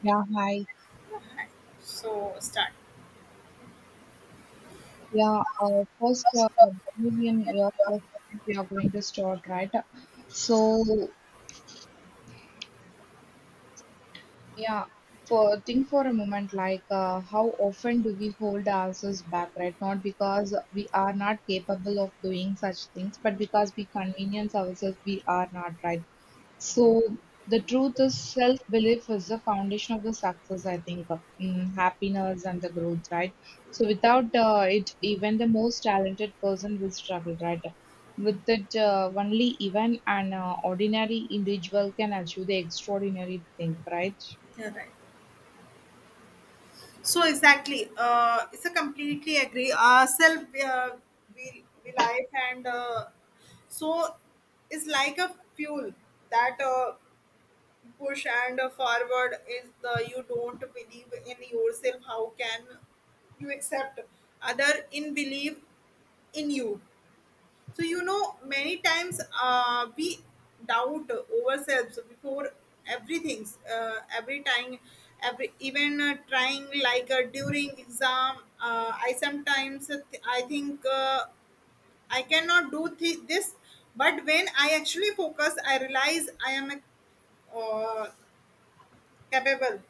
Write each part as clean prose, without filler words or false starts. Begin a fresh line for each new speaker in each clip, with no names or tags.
Yeah, hi.
So start.
A million years of we are going to start, right? So, Yeah, for think for a moment, like how often do we hold ourselves back, right? Not because we are not capable of doing such things, but because we convenience ourselves we are not, right? So the truth is self-belief is the foundation of the success, I think, happiness and the growth, right? So without it, even the most talented person will struggle, right? With it, only even an ordinary individual can achieve the extraordinary thing, right?
Yeah, right. So exactly, it's a completely agree. Self we life and so it's like a fuel that push and forward is the you don't believe in yourself. How can you accept other in believe in you? So many times we doubt ourselves before everything. Every time, every even trying like during exam. I sometimes I think I cannot do this, but when I actually focus, I realize I am a uh, capable.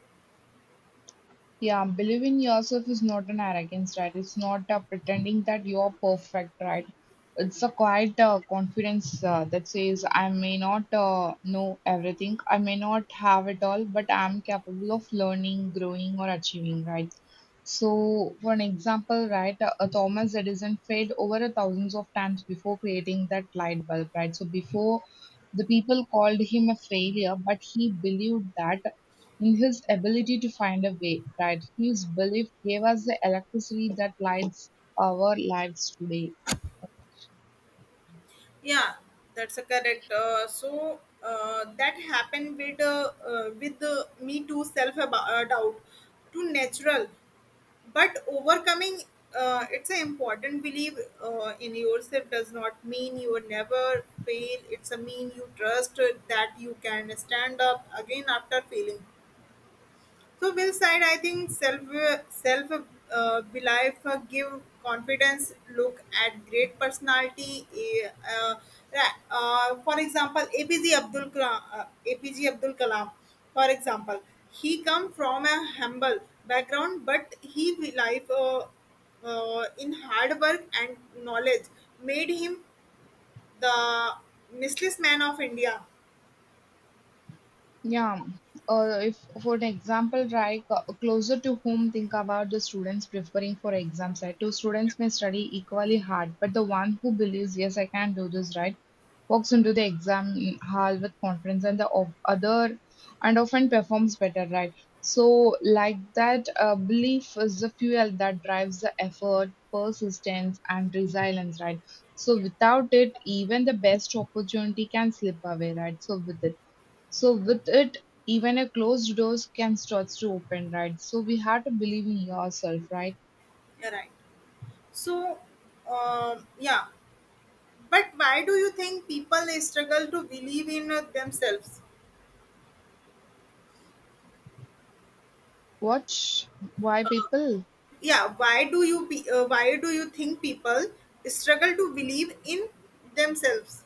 Yeah, believe in yourself is not an arrogance, right? It's not pretending that you're perfect, right? It's a quiet confidence that says, I may not know everything, I may not have it all, but I'm capable of learning, growing, or achieving, right? So, for an example, right, Thomas Edison failed over a thousands of times before creating that light bulb, right? So, before the people called him a failure, but he believed that in his ability to find a way, that his belief gave us the electricity that lights our lives today.
Yeah, that's a correct. So that happened with me too. Self doubt, too natural. But overcoming it's an important belief in yourself does not mean you will never fail. It's a mean you trust that you can stand up again after failing. So Will's side, I think self belief give confidence. Look at great personality. For example, APJ Abdul Kalam, APJ Abdul Kalam. For example, he come from a humble background, but he belief in hard work and knowledge made him the Michelin man of India.
Yeah. If, for an example, right, closer to home, think about the students preferring for exams, right? Two students may study equally hard, but the one who believes, yes, I can do this, right, walks into the exam hall with confidence, and the of other and often performs better, right? So, like that, belief is the fuel that drives the effort, persistence, and resilience, right? So,
Yeah.
without it, even the best opportunity can slip away, right? So, with it. So with it, even a closed door can starts to open, right? So we have to believe in yourself, right?
You're right. So, yeah. But why do you think people struggle to believe in themselves?
What? Why people?
Yeah, why do you think people struggle to believe in themselves?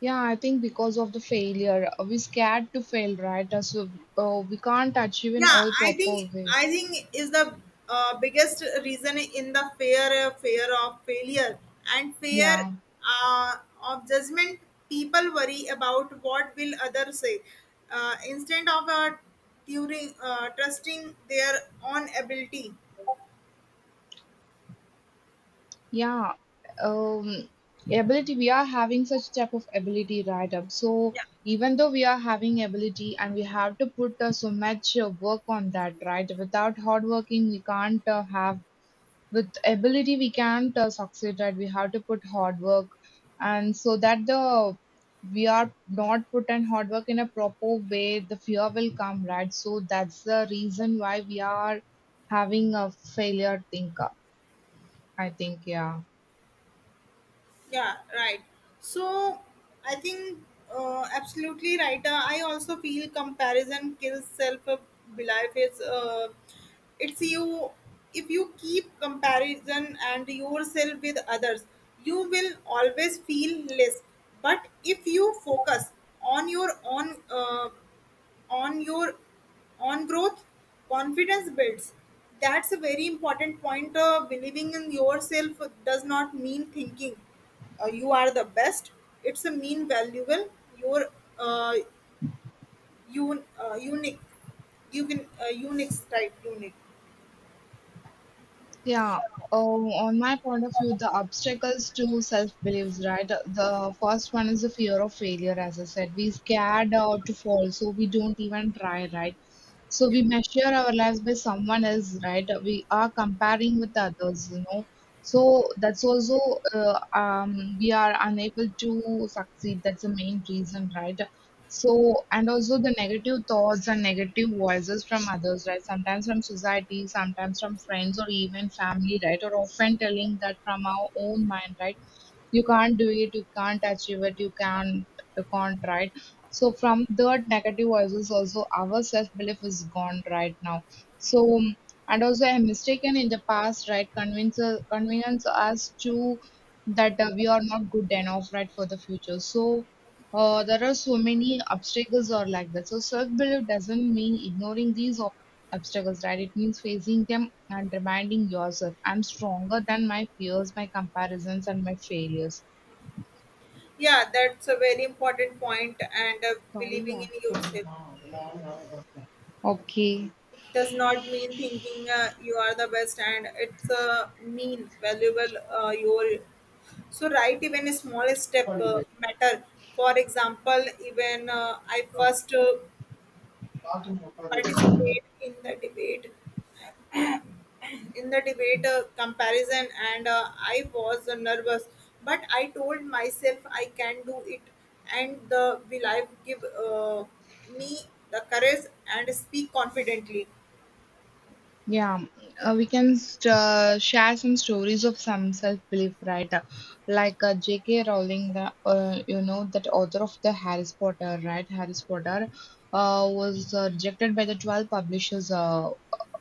Yeah, I think because of the failure. We scared to fail, right? So we can't achieve in
Yeah,
all
I
proper
think
way.
I think is the biggest reason in the fear of failure and fear
Yeah,
uh, of judgment. People worry about what will others say instead of during, trusting their own ability.
yeah. Um, Ability. We are having such type of ability, right? So even though we are having ability and we have to put so much work on that, right? Without hard working, we can't have with ability we can't succeed, right? We have to put hard work, and so that the we are not put in hard work in a proper way, the fear will come, right? So that's the reason why we are having a failure thinker, I think. Yeah.
Yeah, right. So I think absolutely right. I also feel comparison kills self belief. Is it's you. If you keep comparison and yourself with others, you will always feel less, but if you focus on your own on your on growth, confidence builds. That's a very important point. Believing in yourself does not mean thinking you are the best. It's a mean valuable your uh, unique. You can unique.
Yeah, oh, on my point of view, the obstacles to self-beliefs, right? The first one is the fear of failure, as I said. We scared to fall, so we don't even try, right? So
Yeah.
we measure our lives by someone else, right? We are comparing with others, you know. So that's also we are unable to succeed. That's the main reason, right? So, and also the negative thoughts and negative voices from others, right? Sometimes from society, sometimes from friends or even family, right? Or often telling that from our own mind, right? You can't do it, you can't achieve it, you can't, you can't, right? So from that negative voices also our self-belief is gone right now. So and also a mistaken in the past, right? Convince us to that we are not good enough, right, for the future. So there are so many obstacles or like that. So self-belief doesn't mean ignoring these obstacles, right? It means facing them and reminding yourself, I'm stronger than my fears, my comparisons, and my failures.
Yeah, that's a very important point. And
Sorry,
believing
yeah.
in yourself does not mean thinking you are the best, and it's a mean valuable your. So, right, even a small step matter. For example, even I first
Okay.
participate in the debate comparison, and I was nervous, but I told myself I can do it, and the will I give me the courage and speak confidently.
Yeah, we can share some stories of some self-belief, right? Like J.K. Rowling, the you know that author of the Harry Potter, right? Harry Potter was rejected by the 12 publishers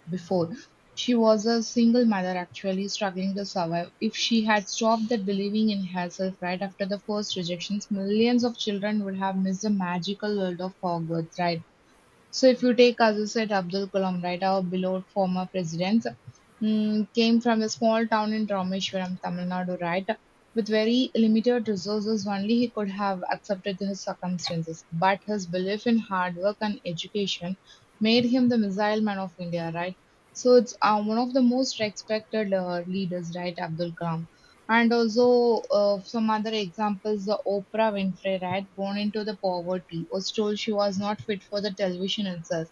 before. She was a single mother actually struggling to survive. If she had stopped that believing in herself right after the first rejections, millions of children would have missed the magical world of Hogwarts, right? So if you take, as you said, Abdul Kalam, right, our beloved former president, came from a small town in Rameshwaram, Tamil Nadu, right? With very limited resources, only he could have accepted his circumstances. But his belief in hard work and education made him the missile man of India, right? So it's one of the most respected leaders, right, Abdul Kalam. And also some other examples, the Oprah Winfrey, right, born into the poverty, was told she was not fit for the television itself.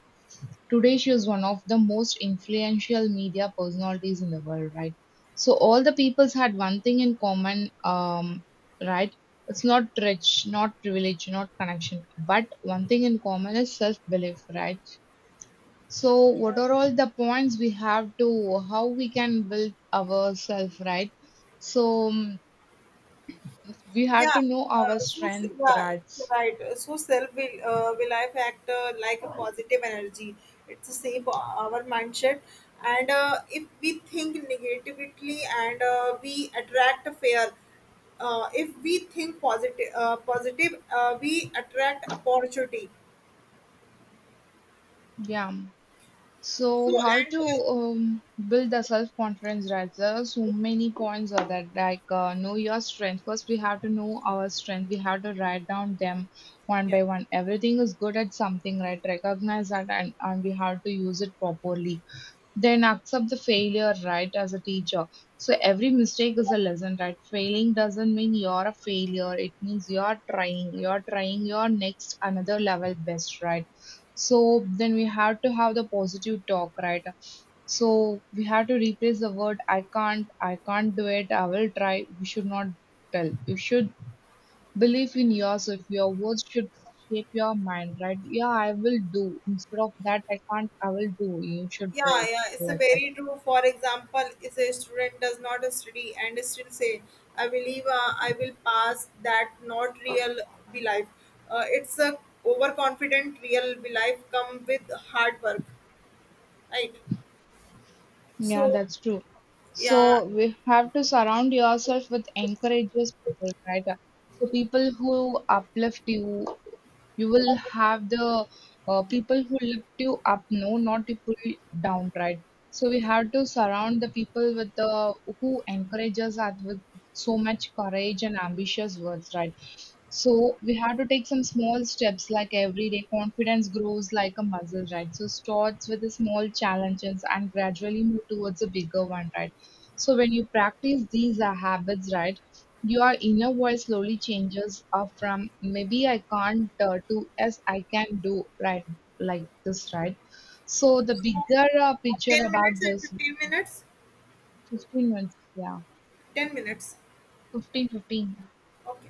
Today, she is one of the most influential media personalities in the world, right? So all the peoples had one thing in common, right? It's not rich, not privilege, not connection, but one thing in common is self-belief, right? So what are all the points we have to how we can build ourselves, right? So we have
Yeah,
to know our
so
strength
yeah,
rights.
right. So self will life act factor like a positive energy. It's the same for our mindset, and if we think negatively and we attract fear. If we think positive, we attract opportunity.
Yeah, so
So
how
and
to build the self confidence, right? There are so many points of that, like know your strength first. We have to know our strength. We have to write down them one
yeah.
by one. Everything is good at something, right? Recognize that, and we have to use it properly. Then accept the failure, right, as a teacher. So every mistake is a lesson, right? Failing doesn't mean you're a failure. It means you're trying. You're trying your next another level best, right? So then we have to have the positive talk, right? So we have to replace the word I can't do it, I will try. We should not tell. You should believe in yourself. Your words should shape your mind, right? Yeah, I will do. Instead of that, I can't, I will do. You should
Yeah,
try
yeah, it's a
like that.
very true. For example, if a student does not study and still say, "I believe I will pass," that not real be life. It's a overconfident real be life come with hard work, right?
Yeah,
So,
that's true.
yeah,
So we have to surround yourself with encourageous people, right? So people who uplift you, you will have the people who lift you up, no, not to pull you down, right? So we have to surround the people with the who encourages us with so much courage and ambitious words, right? So we have to take some small steps like every day. Confidence grows like a muscle, right? So starts with the small challenges and gradually move towards a bigger one, right? So when you practice these habits, right, your inner voice slowly changes from maybe I can't to yes I can do, right? Like this, right? So the bigger picture
ten
about
minutes and
this
15 minutes,
15 minutes, yeah,
10 minutes.
fifteen.
Okay,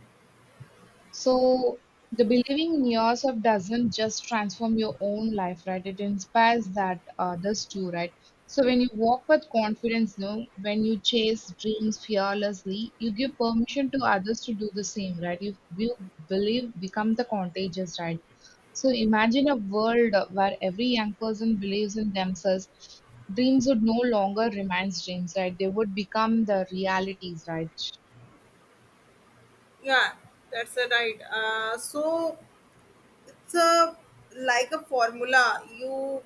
So the believing in yourself doesn't just transform your own life, right? It inspires that others too, right? So when you walk with confidence, no, when you chase dreams fearlessly, you give permission to others to do the same, right? You believe become the contagious, right? So imagine a world where every young person believes in themselves. Dreams would no longer remain dreams, right? They would become the realities, right?
yeah, that's a right. So it's a like a formula you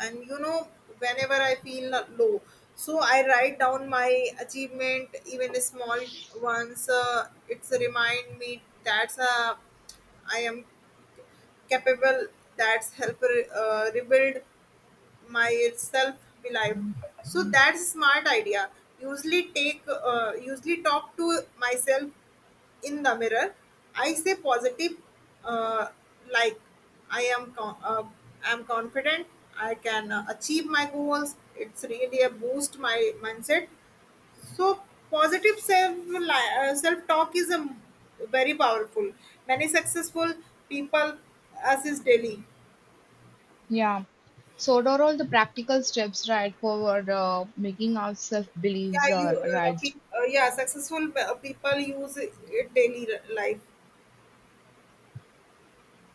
and whenever I feel low. So I write down my achievement, even small ones. It's a remind me that's a I am capable. That's help rebuild my self belief. So that's a smart idea. usually take Usually talk to myself in the mirror. I say positive uh, like i am con- uh, I'm confident, I can achieve my goals. It's really a boost my mindset. So positive self talk is very powerful. Many successful people assist daily.
Yeah. So what are all the practical steps right for making our self beliefs
Yeah, you
right?
yeah, successful people use it daily life.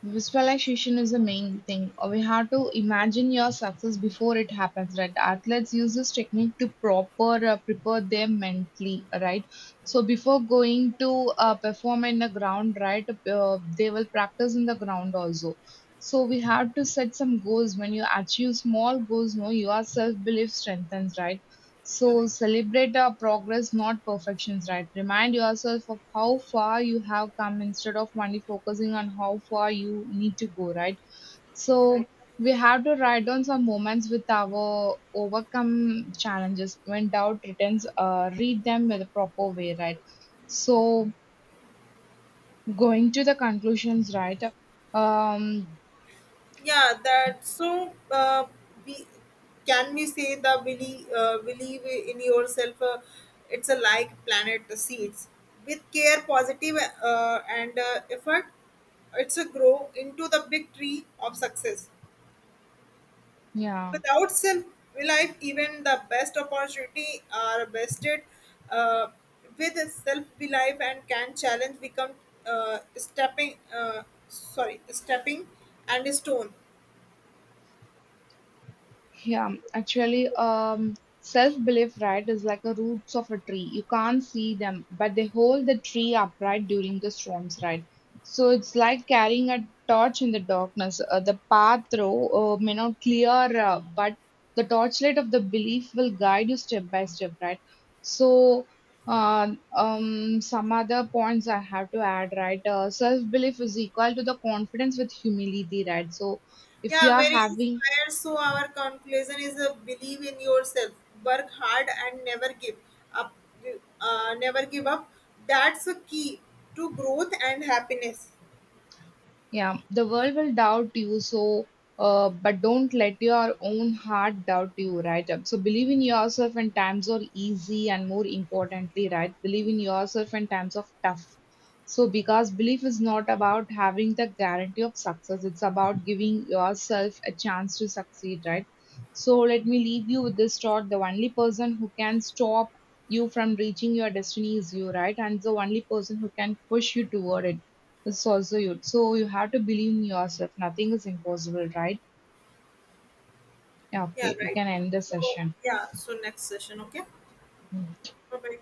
Visualization is the main thing. We have to imagine your success before it happens, right? Athletes use this technique to proper prepare them mentally, right? So before going to perform in the ground, right? They will practice in the ground also. So we have to set some goals. When you achieve small goals, no, your self belief strengthens, right?
Yeah.
So celebrate our progress, not perfections, right? Remind yourself of how far you have come instead of only focusing on how far you need to go, right? So we have to write down some moments with our overcome challenges. When doubt returns, read them with a proper way, right? So going to the conclusions, right? Um,
Yeah, that so we can we say the believe in yourself. It's a like planet seeds with care, positive, and effort. It's a grow into the big tree of success.
yeah.
Without self life, even the best opportunity are bested uh, with self belief and can challenge become stepping. Sorry, stepping and stone.
Yeah, actually, self-belief, right, is like the roots of a tree. You can't see them, but they hold the tree upright during the storms, right? So it's like carrying a torch in the darkness. The path through may not clear, but the torchlight of the belief will guide you step by step, right? So, some other points I have to add, right? Self-belief is equal to the confidence with humility, right? So, if you
Yeah,
are
very
having.
inspired. So our conclusion is believe in yourself, work hard, and never give up. Never give up. That's a key to growth and happiness.
Yeah, the world will doubt you, so but don't let your own heart doubt you, right? So believe in yourself when times are easy, and more importantly, right, believe in yourself when times of tough. So because belief is not about having the guarantee of success, it's about giving yourself a chance to succeed, right? So let me leave you with this thought: the only person who can stop you from reaching your destiny is you, right? And the only person who can push you toward it. It's also you. So you have to believe in yourself. Nothing is impossible, right? Yeah,
Yeah,
okay, we
right.
can end the
So
session.
yeah. So next session, okay. Bye bye.